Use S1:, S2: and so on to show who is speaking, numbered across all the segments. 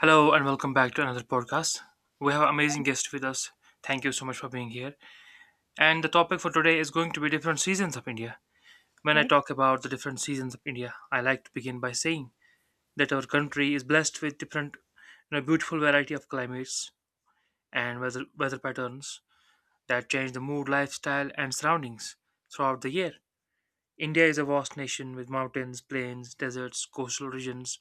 S1: Hello and welcome back to another podcast. We have an amazing guest with us. Thank you so much for being here. And the topic for today is going to be different seasons of India. When I
S2: Right.
S1: talk about the different seasons of India, I like to begin by saying that our country is blessed with different, beautiful variety of climates and weather patterns that change the mood, lifestyle, and surroundings throughout the year. India is a vast nation with mountains, plains, deserts, coastal regions,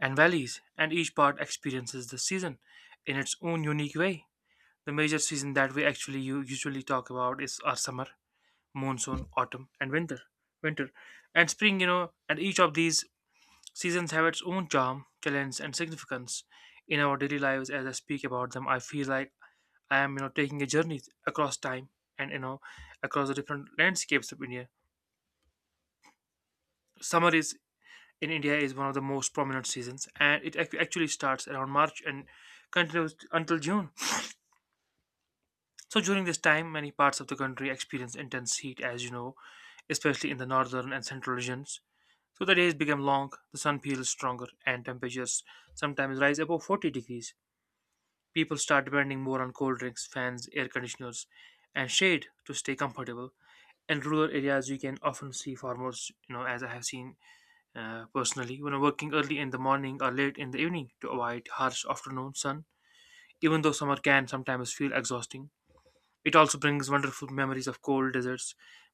S1: and valleys, and each part experiences the season in its own unique way. The major season that we actually usually talk about is our summer, monsoon, autumn, and winter. Winter and spring, and each of these seasons have its own charm, challenge, and significance in our daily lives. As I speak about them, I feel like I am, taking a journey across time and across the different landscapes of India. Summer is in India is one of the most prominent seasons, and it actually starts around March and continues until June. So during this time, many parts of the country experience intense heat, as you know, especially in the northern and central regions. So the days become long, the sun feels stronger, and temperatures sometimes rise above 40 degrees. People start depending more on cold drinks, fans, air conditioners, and shade to stay comfortable. In rural areas, you can often see farmers, you know, as I have seen personally, you know, working early in the morning or late in the evening to avoid harsh afternoon sun. Even though summer can sometimes feel exhausting, it also brings wonderful memories of cold deserts,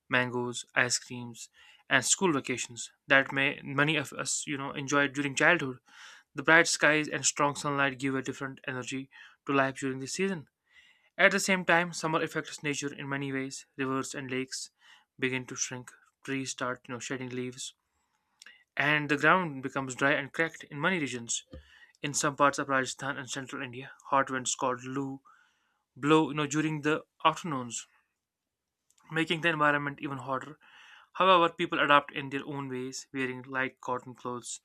S1: mangoes, ice creams, and school vacations that may many of us, you know, enjoyed during childhood. The bright skies and strong sunlight give a different energy to life during this season. At the same time, summer affects nature in many ways. Rivers and lakes begin to shrink, trees start, shedding leaves, and the ground becomes dry and cracked in many regions. In some parts of Rajasthan and central India, hot winds called Loo blow, during the afternoons, making the environment even hotter. However, people adapt in their own ways, wearing light cotton clothes,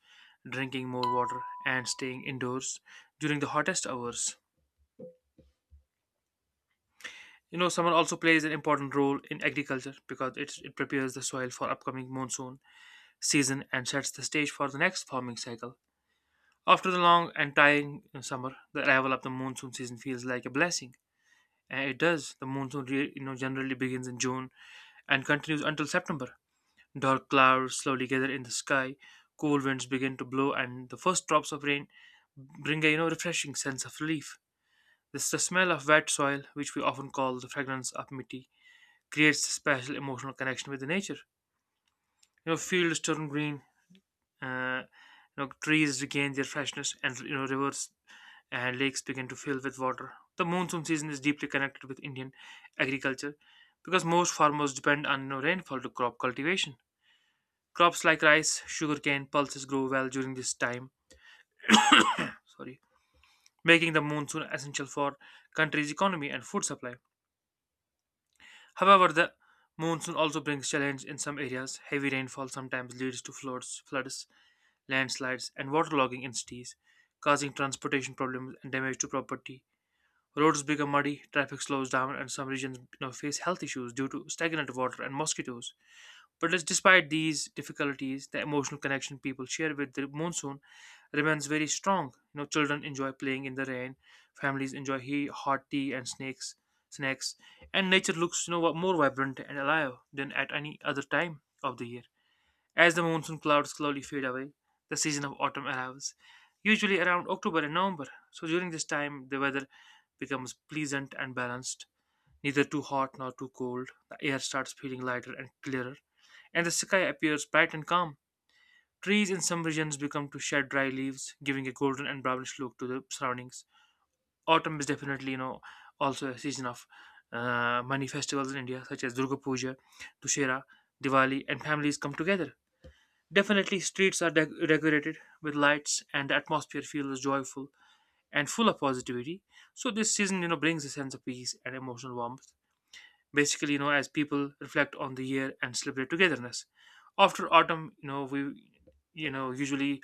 S1: drinking more water, and staying indoors during the hottest hours. You know, summer also plays an important role in agriculture because it prepares the soil for upcoming monsoon season and sets the stage for the next farming cycle. After the long and tiring summer, the arrival of the monsoon season feels like a blessing, and it does. The monsoon, generally begins in June and continues until September. Dark clouds slowly gather in the sky, cool winds begin to blow, and the first drops of rain bring a refreshing sense of relief. This The smell of wet soil, which we often call the fragrance of miti, creates a special emotional connection with the nature. You know, fields turn green, uh, trees regain their freshness, and rivers and lakes begin to fill with water. The monsoon season is deeply connected with Indian agriculture because most farmers depend on rainfall to crop cultivation. Crops like rice, sugarcane, pulses grow well during this time, sorry, making the monsoon essential for country's economy and food supply. However, the monsoon also brings challenge in some areas. Heavy rainfall sometimes leads to floods, landslides, and waterlogging in cities, causing transportation problems and damage to property. Roads become muddy, traffic slows down, and some regions face health issues due to stagnant water and mosquitoes. But it's despite these difficulties, the emotional connection people share with the monsoon remains very strong. You know, children enjoy playing in the rain, families enjoy hot tea and snacks, and nature looks more vibrant and alive than at any other time of the year. As the monsoon clouds slowly fade away, the season of autumn arrives, usually around October and November. So during this time, the weather becomes pleasant and balanced, neither too hot nor too cold. The air starts feeling lighter and clearer, and the sky appears bright and calm. Trees in some regions become to shed dry leaves, giving a golden and brownish look to the surroundings. Autumn is definitely, also a season of many festivals in India, such as Durga Puja, Dussehra, Diwali, and families come together. Definitely, streets are decorated with lights, and the atmosphere feels joyful and full of positivity. So this season, brings a sense of peace and emotional warmth, basically, as people reflect on the year and celebrate togetherness. After autumn, you know we you know usually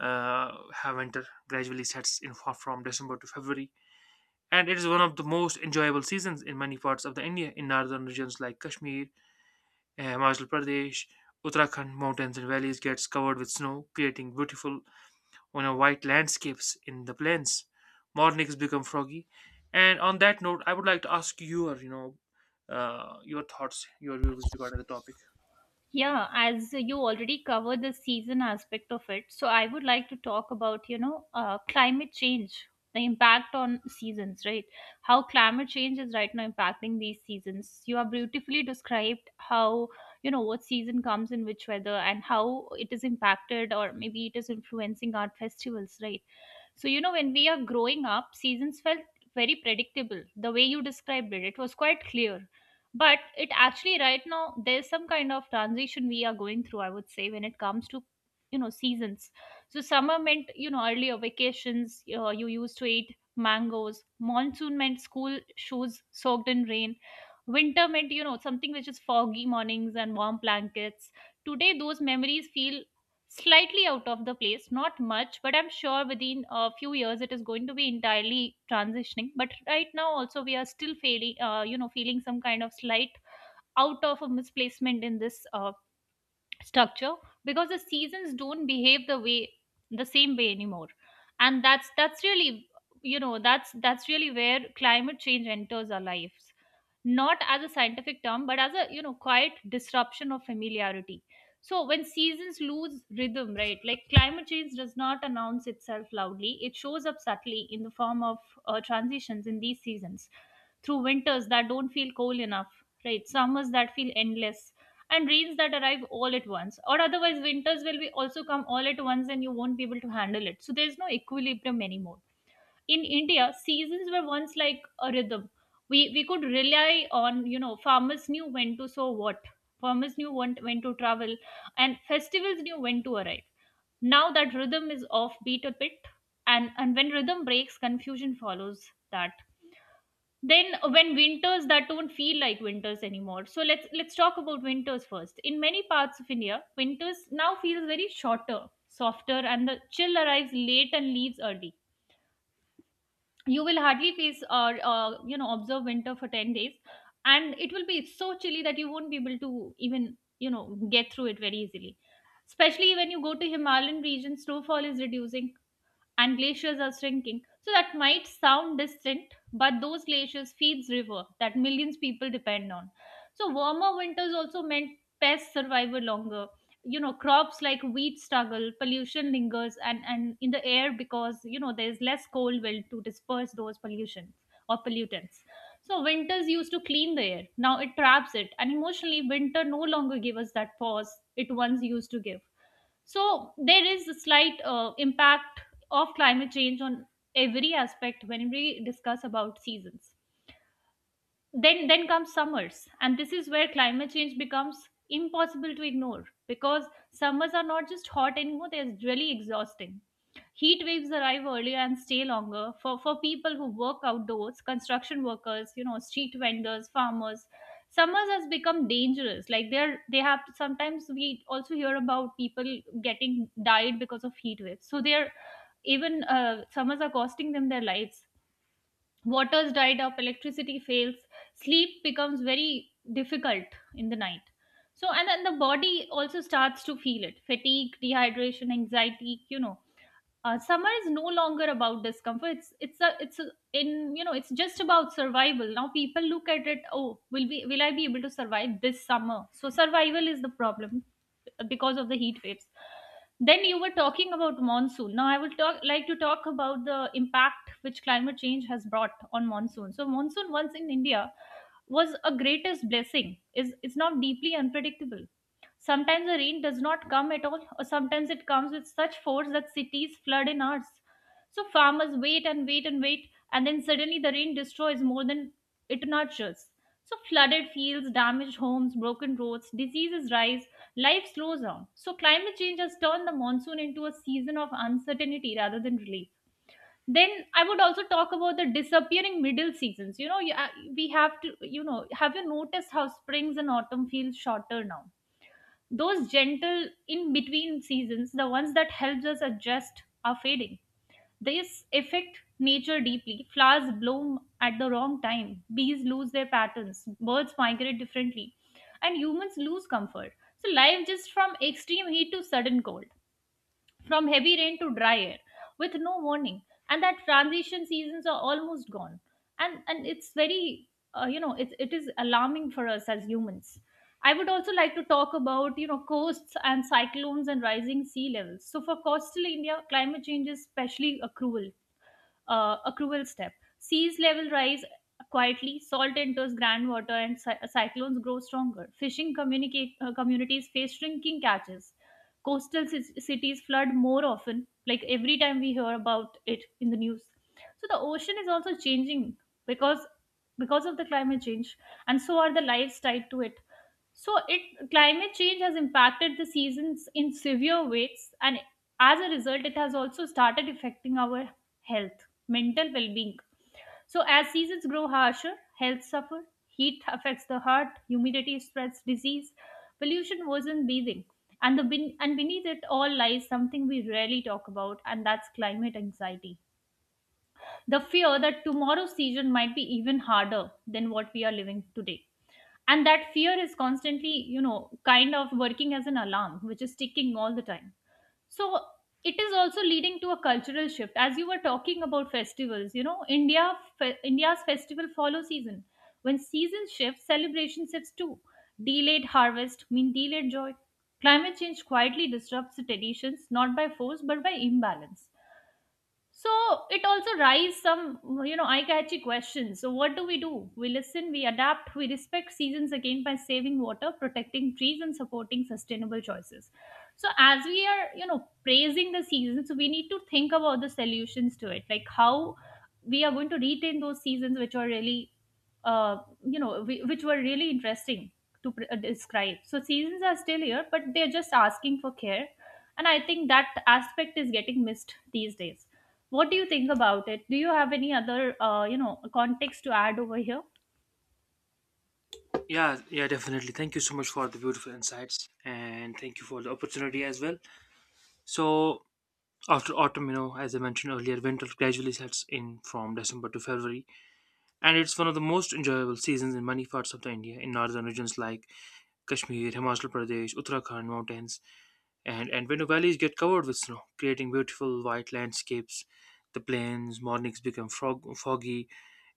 S1: have winter gradually sets in from December to February, and it is one of the most enjoyable seasons in many parts of the India. In northern regions like Kashmir, Himachal Pradesh, Uttarakhand mountains and valleys gets covered with snow, creating beautiful white landscapes in the plains. Mornings become foggy. And on that note, I would like to ask your, your thoughts, your views regarding the topic.
S2: Yeah, as you already covered the season aspect of it, so I would like to talk about, you know, climate change, the impact on seasons, right? How climate change is right now impacting these seasons. You have beautifully described how, you know, what season comes in which weather and how it is impacted or maybe it is influencing our festivals, right? So, you know, when we are growing up, seasons felt very predictable. The way you described it, it was quite clear. But it actually, right now, there's some kind of transition we are going through, I would say, when it comes to, you know, seasons. So, summer meant, you know, earlier vacations, you used to eat mangoes. Monsoon meant school shoes soaked in rain. Winter meant, you know, something which is foggy mornings and warm blankets. Today, those memories feel slightly out of the place, not much, but I'm sure within a few years it is going to be entirely transitioning, but right now also we are still feeling, you know, feeling some kind of slight out of a misplacement in this structure, because the seasons don't behave the same way anymore. And that's really, you know, that's really where climate change enters our lives, not as a scientific term, but as a, you know, quiet disruption of familiarity. So when seasons lose rhythm, right, like climate change does not announce itself loudly. It shows up subtly in the form of transitions in these seasons, through winters that don't feel cold enough, right, summers that feel endless, and rains that arrive all at once. Or otherwise winters will be also come all at once and you won't be able to handle it, so there's no equilibrium anymore. In India, seasons were once like a rhythm. We could rely on, you know, farmers knew when to sow what, farmers knew when, to travel, and festivals knew when to arrive. Now that rhythm is offbeat a bit, and when rhythm breaks, confusion follows that. Then when winters that don't feel like winters anymore. So let's talk about winters first. In many parts of India, winters now feels very shorter, softer, and the chill arrives late and leaves early. You will hardly face or you know, observe winter for 10 days, and it will be so chilly that you won't be able to even, you know, get through it very easily, especially when you go to Himalayan regions. Snowfall is reducing and glaciers are shrinking. So that might sound distant, but those glaciers feeds river that millions people depend on. So warmer winters also meant pests survive longer. You know, crops like wheat struggle, pollution lingers, and in the air, because you know there's less cold wind to disperse those pollutions or pollutants. So winters used to clean the air. Now it traps it, and emotionally, winter no longer gives us that pause it once used to give. So there is a slight impact of climate change on every aspect when we discuss about seasons. Then comes summers, and this is where climate change becomes impossible to ignore, because summers are not just hot anymore, they're really exhausting. Heat waves arrive earlier and stay longer. For people who work outdoors, construction workers, you know, street vendors, farmers, summers has become dangerous. Like they're they have sometimes we also hear about people getting died because of heat waves, so they're even, summers are costing them their lives. Waters dried up, electricity fails, sleep becomes very difficult in the night. So, and then the body also starts to feel it: fatigue, dehydration, anxiety, you know. Summer is no longer about discomfort. It's it's a, in you know it's just about survival now. People look at it, oh, will I be able to survive this summer? So survival is the problem because of the heat waves. Then you were talking about monsoon. Now I would talk like to talk about the impact which climate change has brought on monsoon. So monsoon, once in India, was a greatest blessing, is it's now deeply unpredictable. Sometimes the rain does not come at all, or sometimes it comes with such force that cities flood in hours. So farmers wait and wait and wait, and then suddenly the rain destroys more than it nurtures. So flooded fields, damaged homes, broken roads, diseases rise, life slows down. So climate change has turned the monsoon into a season of uncertainty rather than relief. Then I would also talk about the disappearing middle seasons. You know, we have to, you know, have you noticed how springs and autumn feel shorter now? Those gentle in between seasons, the ones that helps us adjust, are fading. This affect nature deeply. Flowers bloom at the wrong time, bees lose their patterns, birds migrate differently, and humans lose comfort. So life just from extreme heat to sudden cold, from heavy rain to dry air, with no warning, and that transition seasons are almost gone. And it's very, you know, it is alarming for us as humans. I would also like to talk about, you know, coasts and cyclones and rising sea levels. So for coastal India, climate change is especially cruel, accrual step. Seas level rise quietly, salt enters groundwater, and cyclones grow stronger. Fishing communities face shrinking catches. Coastal cities flood more often, like every time we hear about it in the news. So the ocean is also changing because of the climate change, and so are the lives tied to it. So it climate change has impacted the seasons in severe ways, and as a result, it has also started affecting our health, mental well being. So, as seasons grow harsher, health suffer. Heat affects the heart, humidity spreads disease, pollution worsens breathing. And, beneath it all lies something we rarely talk about, and that's climate anxiety. The fear that tomorrow's season might be even harder than what we are living today. And that fear is constantly, you know, kind of working as an alarm, which is ticking all the time. So it is also leading to a cultural shift. As you were talking about festivals, you know, India's festival follow season. When season shifts, celebration shifts too. Delayed harvest mean delayed joy. Climate change quietly disrupts the traditions, not by force but by imbalance. So it also raises some, you know, eye-catchy questions. So what do? We listen, we adapt, we respect seasons again by saving water, protecting trees, and supporting sustainable choices. So as we are, you know, praising the seasons, we need to think about the solutions to it, like how we are going to retain those seasons which are really, uh, you know, which were really interesting to describe. So seasons are still here, but they're just asking for care, and I think that aspect is getting missed these days. What do you think about it? Do you have any other, you know, context to add over here?
S1: Yeah, yeah, definitely. Thank you so much for the beautiful insights, and thank you for the opportunity as well. So after autumn, as I mentioned earlier, winter gradually sets in from December to February, and it's one of the most enjoyable seasons in many parts of the India, in northern regions like Kashmir, Himachal Pradesh, Uttarakhand mountains, and when the valleys get covered with snow, creating beautiful white landscapes. The plains mornings become foggy,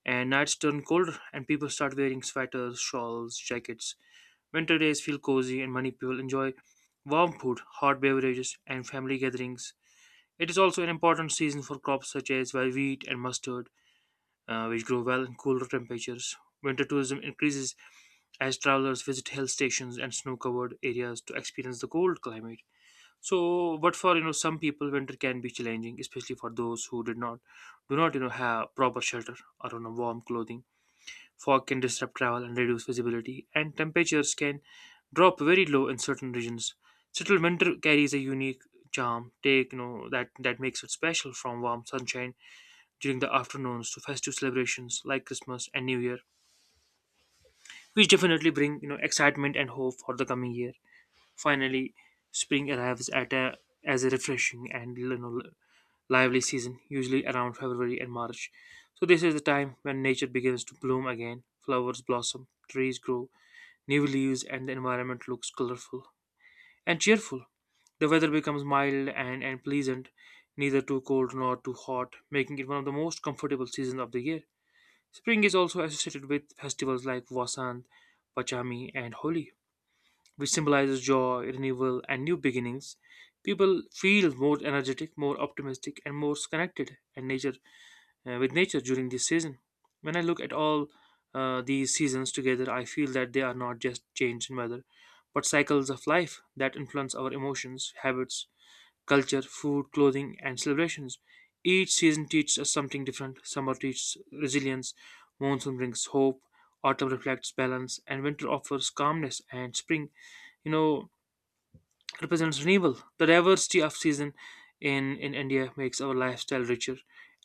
S1: and nights turn colder, and people start wearing sweaters, shawls, jackets. Winter days feel cozy, and many people enjoy warm food, hot beverages, and family gatherings. It is also an important season for crops such as wheat and mustard, which grow well in cooler temperatures. Winter tourism increases as travelers visit hill stations and snow covered areas to experience the cold climate. So, but for some people, winter can be challenging, especially for those who did not do not have proper shelter or warm clothing. Fog can disrupt travel and reduce visibility, and temperatures can drop very low in certain regions. Still, winter carries a unique charm. Take you know that That makes it special, from warm sunshine during the afternoons to festive celebrations like Christmas and New Year, which definitely bring excitement and hope for the coming year. Finally, spring arrives at a as a refreshing and lively season, usually around February and March. So, this is the time when nature begins to bloom again. Flowers blossom, trees grow, new leaves, and the environment looks colorful and cheerful. The weather becomes mild and pleasant, neither too cold nor too hot, making it one of the most comfortable seasons of the year. Spring is also associated with festivals like Vasant, Pachami, and Holi, which symbolizes joy, renewal, and new beginnings. People feel more energetic, more optimistic, and more connected, and nature with nature during this season. When I look at all these seasons together, I feel that they are not just change in weather, but cycles of life that influence our emotions, habits, culture, food, clothing, and celebrations. Each season teaches us something different. Summer teaches resilience, monsoon brings hope, autumn reflects balance, and winter offers calmness and spring. You know, represents renewal. The diversity of season in India makes our lifestyle richer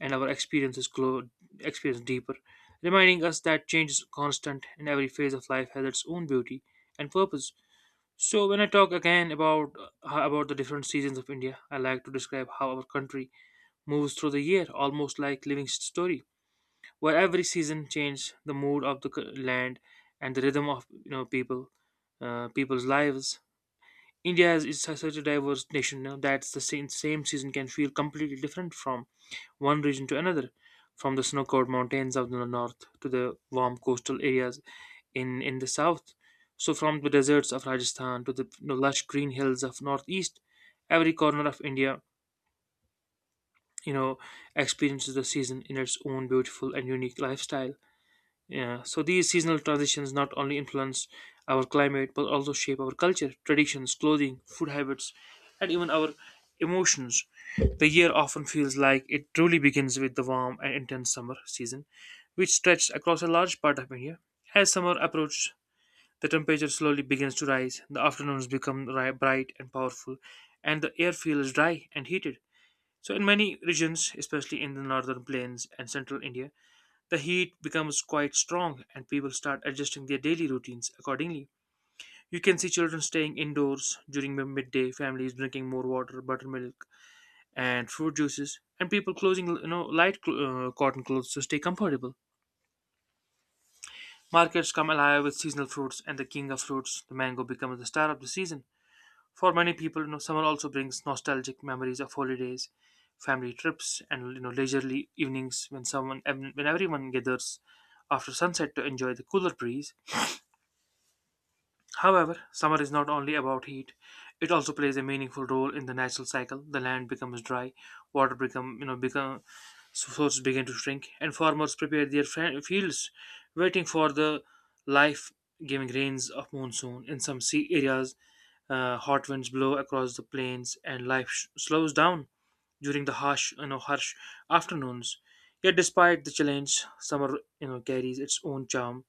S1: and our experience deeper, reminding us that change is constant and every phase of life has its own beauty and purpose. So when I talk again about the different seasons of India, I like to describe how our country moves through the year, almost like living story, where every season changes the mood of the land and the rhythm of people, people's lives. India is such a diverse nation now that the same season can feel completely different from one region to another, from the snow-covered mountains of the north to the warm coastal areas in the south. So from the deserts of Rajasthan to the lush green hills of northeast, every corner of India, you know, experiences the season in its own beautiful and unique lifestyle. Yeah, so these seasonal transitions not only influence our climate but also shape our culture, traditions, clothing, food habits, and even our emotions. The year often feels like it truly begins with the warm and intense summer season, which stretches across a large part of India. As summer approaches, the temperature slowly begins to rise, the afternoons become bright and powerful, and the air feels dry and heated. So, in many regions, especially in the northern plains and central India, the heat becomes quite strong and people start adjusting their daily routines accordingly. You can see children staying indoors during the midday, families drinking more water, buttermilk, and fruit juices, and people closing cotton clothes to stay comfortable. Markets come alive with seasonal fruits, and the king of fruits, the mango, becomes the star of the season. For many people, summer also brings nostalgic memories of holidays, family trips, and leisurely evenings when everyone gathers after sunset to enjoy the cooler breeze. However, summer is not only about heat; it also plays a meaningful role in the natural cycle. The land becomes dry, water become you know become so sources begin to shrink, and farmers prepare their fields, waiting for the life-giving rains of monsoon. In some sea areas, hot winds blow across the plains, and life slows down during the harsh you know harsh afternoons. Yet, despite the challenge, summer carries its own charm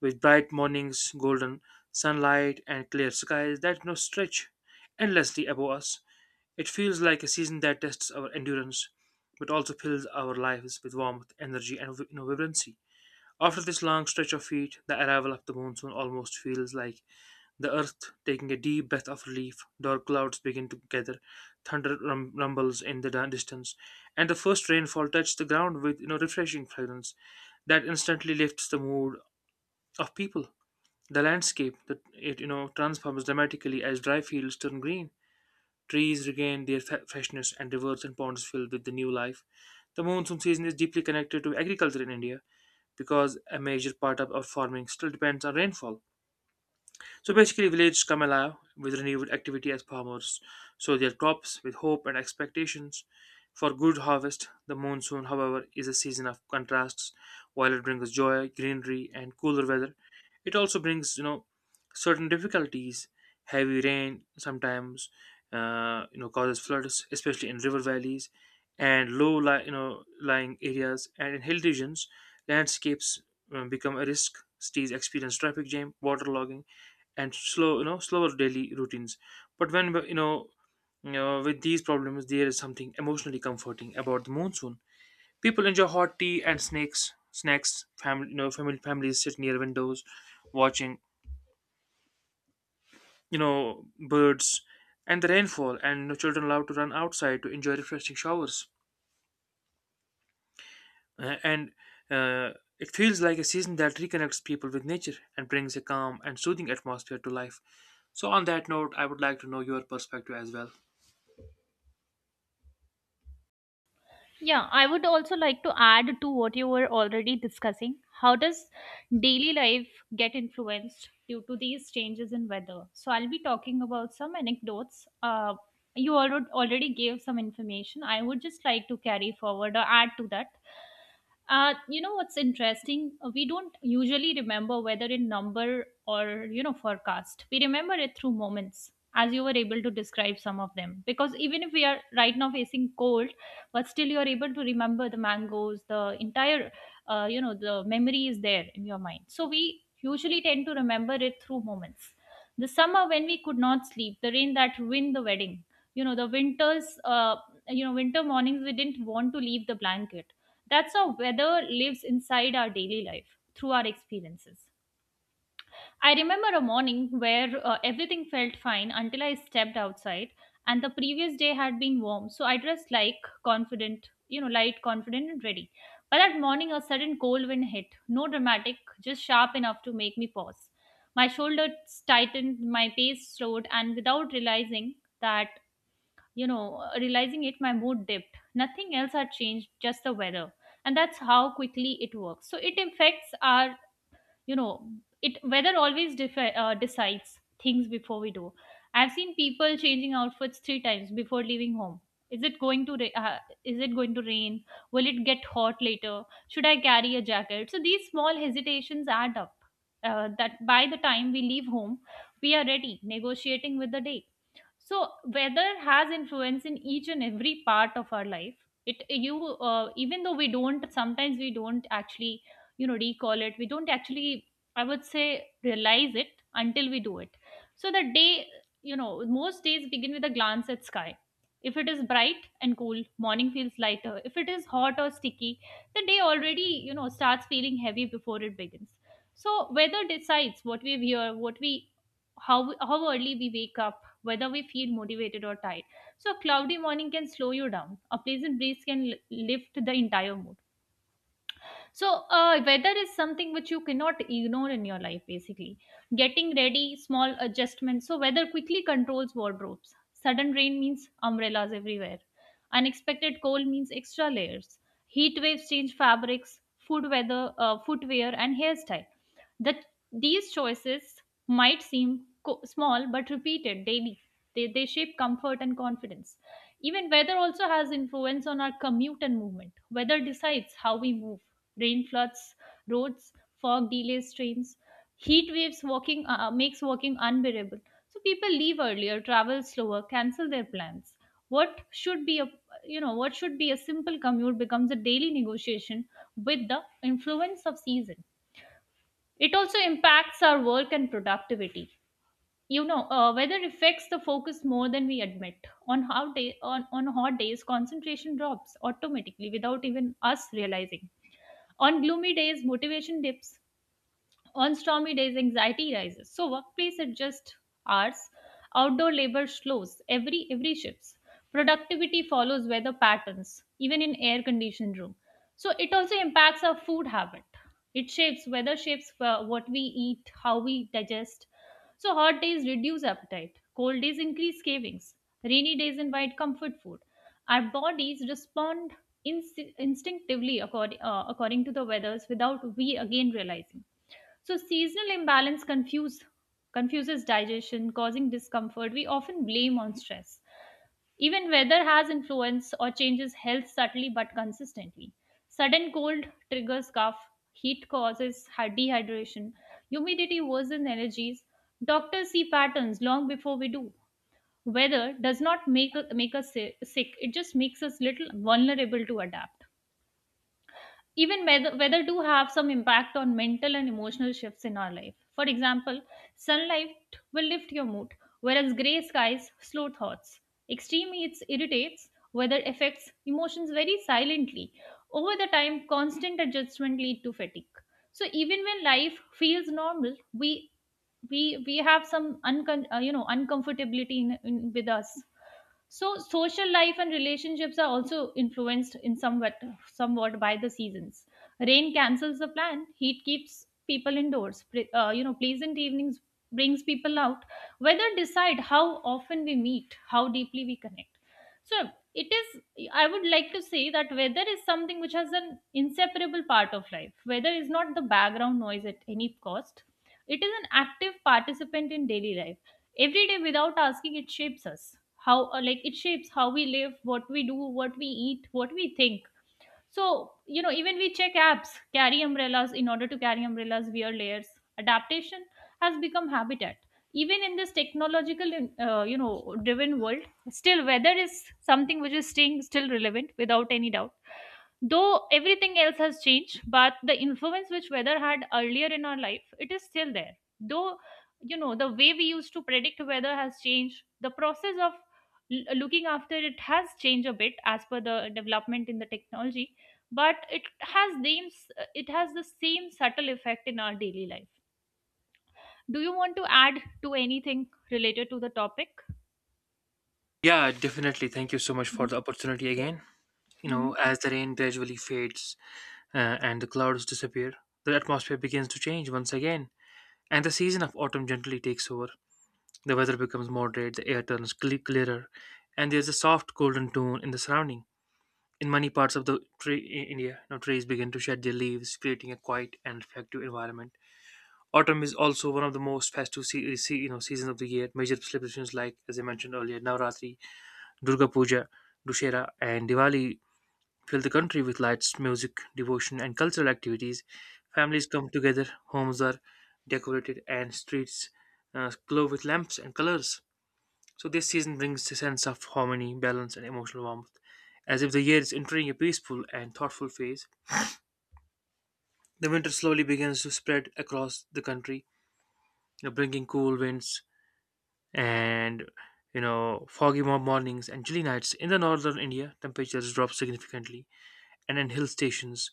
S1: with bright mornings, golden sunlight, and clear skies that now stretch endlessly above us. It feels like a season that tests our endurance, but also fills our lives with warmth, energy, and vibrancy. After this long stretch of heat, the arrival of the monsoon almost feels like the earth taking a deep breath of relief. Dark clouds begin to gather, thunder rumbles in the distance, and the first rainfall touches the ground with refreshing fragrance that instantly lifts the mood of people. The landscape that it you know transforms dramatically as dry fields turn green, trees regain their freshness, and rivers and ponds fill with the new life. The monsoon season is deeply connected to agriculture in India because a major part of our farming still depends on rainfall. So basically, villages come alive with renewed activity as farmers sow their crops with hope and expectations for good harvest. The monsoon, however, is a season of contrasts. While it brings joy, greenery, and cooler weather, it also brings certain difficulties. Heavy rain sometimes causes floods, especially in river valleys and low li- you know lying areas. And in hill regions, landscapes become a risk. Cities experience traffic jam, water logging and slower daily routines, but when you know, with these problems there is something emotionally comforting about the monsoon. People enjoy hot tea and snakes snacks, family you know family families sit near windows watching birds and the rainfall, and children allowed to run outside to enjoy refreshing showers. And uh, it feels like a season that reconnects people with nature and brings a calm and soothing atmosphere to life. So on that note, I would like to know your perspective as well.
S2: Yeah, I would also like to add to what you were already discussing. How does daily life get influenced due to these changes in weather? So I'll be talking about some anecdotes. You already gave some information. I would just like to carry forward or add to that. You know what's interesting? We don't usually remember weather in number or, you know, forecast. We remember it through moments, as you were able to describe some of them. Because even if we are right now facing cold, but still you're able to remember the mangoes, the entire, you know, the memory is there in your mind. So we usually tend to remember it through moments: the summer when we could not sleep, the rain that ruined the wedding, you know, the winters, you know, winter mornings we didn't want to leave the blanket. That's how weather lives inside our daily life, through our experiences. I remember a morning where, everything felt fine until I stepped outside, and the previous day had been warm, so I dressed like confident, you know, light, confident, and ready. But that morning, a sudden cold wind hit, no dramatic, just sharp enough to make me pause. My shoulders tightened, my pace slowed, and without realizing that, you know, realizing it, my mood dipped. Nothing else had changed, just the weather. And that's how quickly it works. So it affects our you know it weather always decides things before we do. I've seen people changing outfits three times before leaving home. is it going to ra- uh, is it going to rain? Will it get hot later? Should I carry a jacket? So these small hesitations add up that by the time we leave home, we are ready negotiating with the day. So weather has influence in each and every part of our life. It you Even though we don't sometimes we don't actually recall it, we don't actually, I would say, realize it until we do it. So the day you know most days begin with a glance at sky. If it is bright and cool, morning feels lighter. If it is hot or sticky, the day already starts feeling heavy before it begins. So weather decides what we wear, what we how how early we wake up, whether we feel motivated or tired. So, a cloudy morning can slow you down. A pleasant breeze can lift the entire mood. So, weather is something which you cannot ignore in your life, basically. Getting ready, small adjustments. So, weather quickly controls wardrobes. Sudden rain means umbrellas everywhere. Unexpected cold means extra layers. Heat waves change fabrics, food weather, footwear, and hairstyle. That These choices might seem small, but repeated daily, they shape comfort and confidence. Even weather also has influence on our commute and movement. Weather decides how we move. Rain floods roads, fog delays trains, heat waves walking makes walking unbearable. So people leave earlier, travel slower, cancel their plans. What should be a simple commute becomes a daily negotiation with the influence of season. It also impacts our work and productivity. Weather affects the focus more than we admit on hot days concentration drops automatically without even us realizing. On gloomy days motivation dips. On stormy days, anxiety rises. So workplace adjust hours, outdoor labor slows every shifts. Productivity follows weather patterns, even in air conditioned room. So it also impacts our food habit. It shapes weather shapes what we eat, how we digest. So hot days reduce appetite, cold days increase cravings, rainy days invite comfort food. Our bodies respond instinctively according to the weathers without we again realizing. So seasonal imbalance confuses digestion, causing discomfort. We often blame on stress. Even weather has influence or changes health subtly but consistently. Sudden cold triggers cough, heat causes dehydration, humidity worsens allergies. Doctors see patterns long before we do. Weather does not make us sick; it just makes us little vulnerable to adapt. Even weather do have some impact on mental and emotional shifts in our life. For example, sunlight will lift your mood, whereas gray skies slow thoughts. Extreme heat irritates, weather affects emotions very silently. Over the time, constant adjustment lead to fatigue. So even when life feels normal, we have some uncomfortability in with us. So social life and relationships are also influenced in somewhat by the seasons. Rain cancels the plan. Heat keeps people indoors. Pleasant evenings brings people out. Weather decide how often we meet, how deeply we connect. So it is. I would like to say that weather is something which has an inseparable part of life. Weather is not the background noise at any cost. It is an active participant in daily life every day without asking. It shapes how we live, what we do, what we eat, what we think. So even we check apps, carry umbrellas, wear layers. Adaptation has become habitat, even in this technological, driven world. Still weather is something which is staying still relevant without any doubt. Though everything else has changed, but the influence which weather had earlier in our life, it is still there. Though, the way we used to predict weather has changed, the process of looking after it has changed a bit as per the development in the technology, but it has the same subtle effect in our daily life. Do you want to add to anything related to the topic?
S1: Yeah, definitely. Thank you so much for
S2: Mhm.
S1: the opportunity again. You know,
S2: Mhm.
S1: as the rain gradually fades and the clouds disappear, the atmosphere begins to change once again, and the season of autumn gently takes over. The weather becomes moderate, the air turns clearer, and there's a soft golden tone in the surrounding. In many parts of the tree in India, trees begin to shed their leaves, creating a quiet and reflective environment. Autumn is also one of the most festive seasons of the year. Major celebrations like, as I mentioned earlier, Navratri, Durga Puja, Dussehra, and Diwali fill the country with lights, music, devotion, and cultural activities. Families come together, homes are decorated, and streets glow with lamps and colors. So, this season brings a sense of harmony, balance, and emotional warmth. As if the year is entering a peaceful and thoughtful phase, the winter slowly begins to spread across the country, bringing cool winds and foggy mornings and chilly nights. In the northern India, temperatures drop significantly, and in hill stations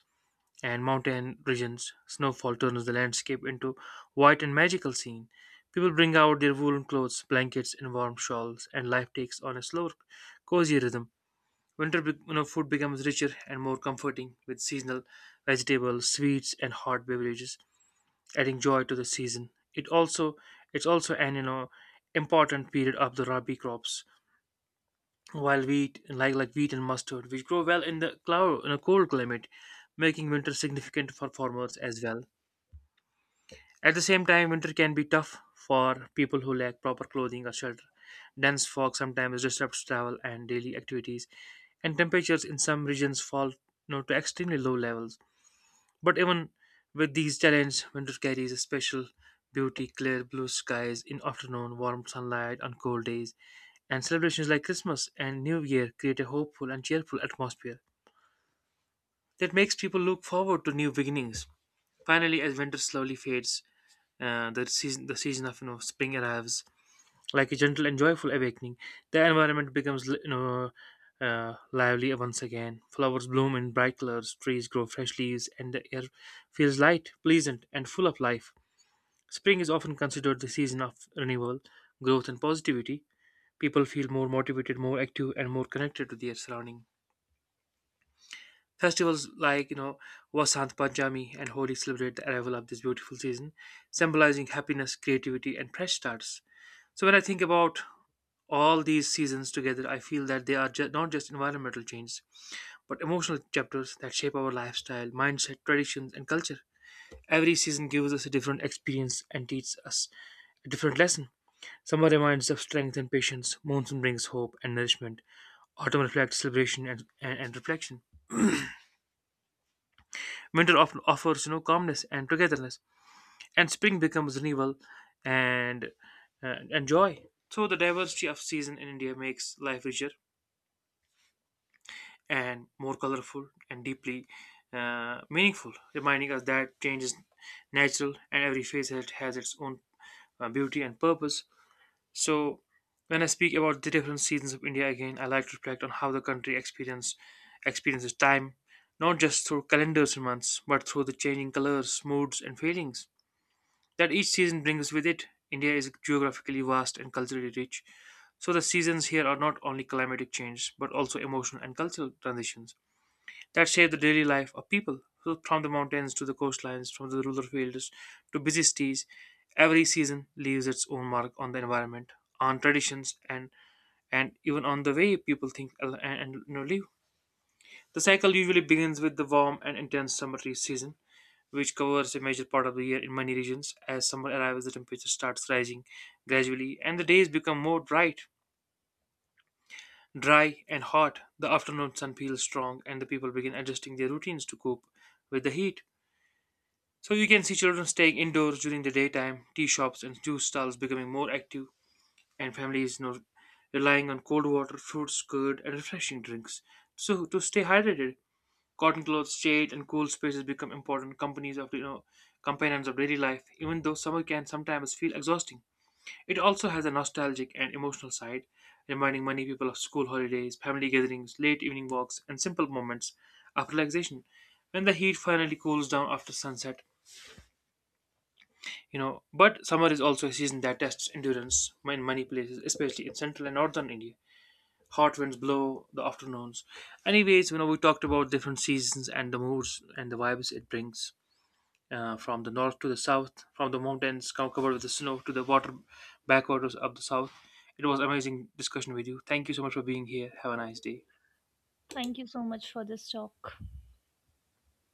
S1: and mountain regions, snowfall turns the landscape into white and magical scene. People bring out their woolen clothes, blankets, and warm shawls, and life takes on a slower, cozy rhythm. Winter be- you know, Food becomes richer and more comforting with seasonal vegetables, sweets, and hot beverages, adding joy to the season. It's also an important period of the rabi crops, while wheat, like wheat and mustard, which grow well in the cloud in a cold climate, making winter significant for farmers as well. At the same time, winter can be tough for people who lack proper clothing or shelter. Dense fog sometimes disrupts travel and daily activities, and temperatures in some regions fall, to extremely low levels. But even with these challenges, winter carries a special beauty, clear blue skies in afternoon, warm sunlight on cold days, and celebrations like Christmas and New Year create a hopeful and cheerful atmosphere that makes people look forward to new beginnings. Finally, as winter slowly fades, the season of spring arrives like a gentle and joyful awakening. The environment becomes lively once again. Flowers bloom in bright colors, trees grow fresh leaves, and the air feels light, pleasant, and full of life. Spring is often considered the season of renewal, growth, and positivity. People feel more motivated, more active, and more connected to their surrounding. Festivals like Vasant Panchami and Holi celebrate the arrival of this beautiful season, symbolizing happiness, creativity, and fresh starts. So when I think about all these seasons together, I feel that they are not just environmental changes, but emotional chapters that shape our lifestyle, mindset, traditions, and culture. Every season gives us a different experience and teaches us a different lesson. Summer reminds us of strength and patience, monsoon brings hope and nourishment, autumn reflects celebration and reflection, winter often offers calmness and togetherness, and spring becomes renewal and and joy. So the diversity of season in India makes life richer and more colorful and deeply meaningful, reminding us that change is natural and every phase has, its own beauty and purpose. So, when I speak about the different seasons of India again, I like to reflect on how the country experiences time, not just through calendars and months, but through the changing colors, moods, and feelings that each season brings with it. India is geographically vast and culturally rich, so the seasons here are not only climatic change but also emotional and cultural transitions that shaped the daily life of people. So from the mountains to the coastlines, from the rural fields to busy cities, every season leaves its own mark on the environment, on traditions, and even on the way people think and, live. The cycle usually begins with the warm and intense summer season, which covers a major part of the year in many regions. As summer arrives, the temperature starts rising gradually, and the days become more bright, dry, and hot. The afternoon sun feels strong, and the people begin adjusting their routines to cope with the heat. So you can see children staying indoors during the daytime, tea shops and juice stalls becoming more active, and families relying on cold water, fruits, curd, and refreshing drinks. So to stay hydrated, cotton clothes, shade, and cool spaces become important companies of you know companions of daily life. Even though summer can sometimes feel exhausting, it also has a nostalgic and emotional side, reminding many people of school holidays, family gatherings, late evening walks, and simple moments of relaxation. When the heat finally cools down after sunset, but summer is also a season that tests endurance in many places, especially in central and northern India, hot winds blow the afternoons. Anyways, we talked about different seasons and the moods and the vibes it brings, from the north to the south, from the mountains covered with the snow to the water backwaters of the south. It was amazing discussion with you. Thank you so much for being here. Have a nice day.
S2: Thank you so much for this talk.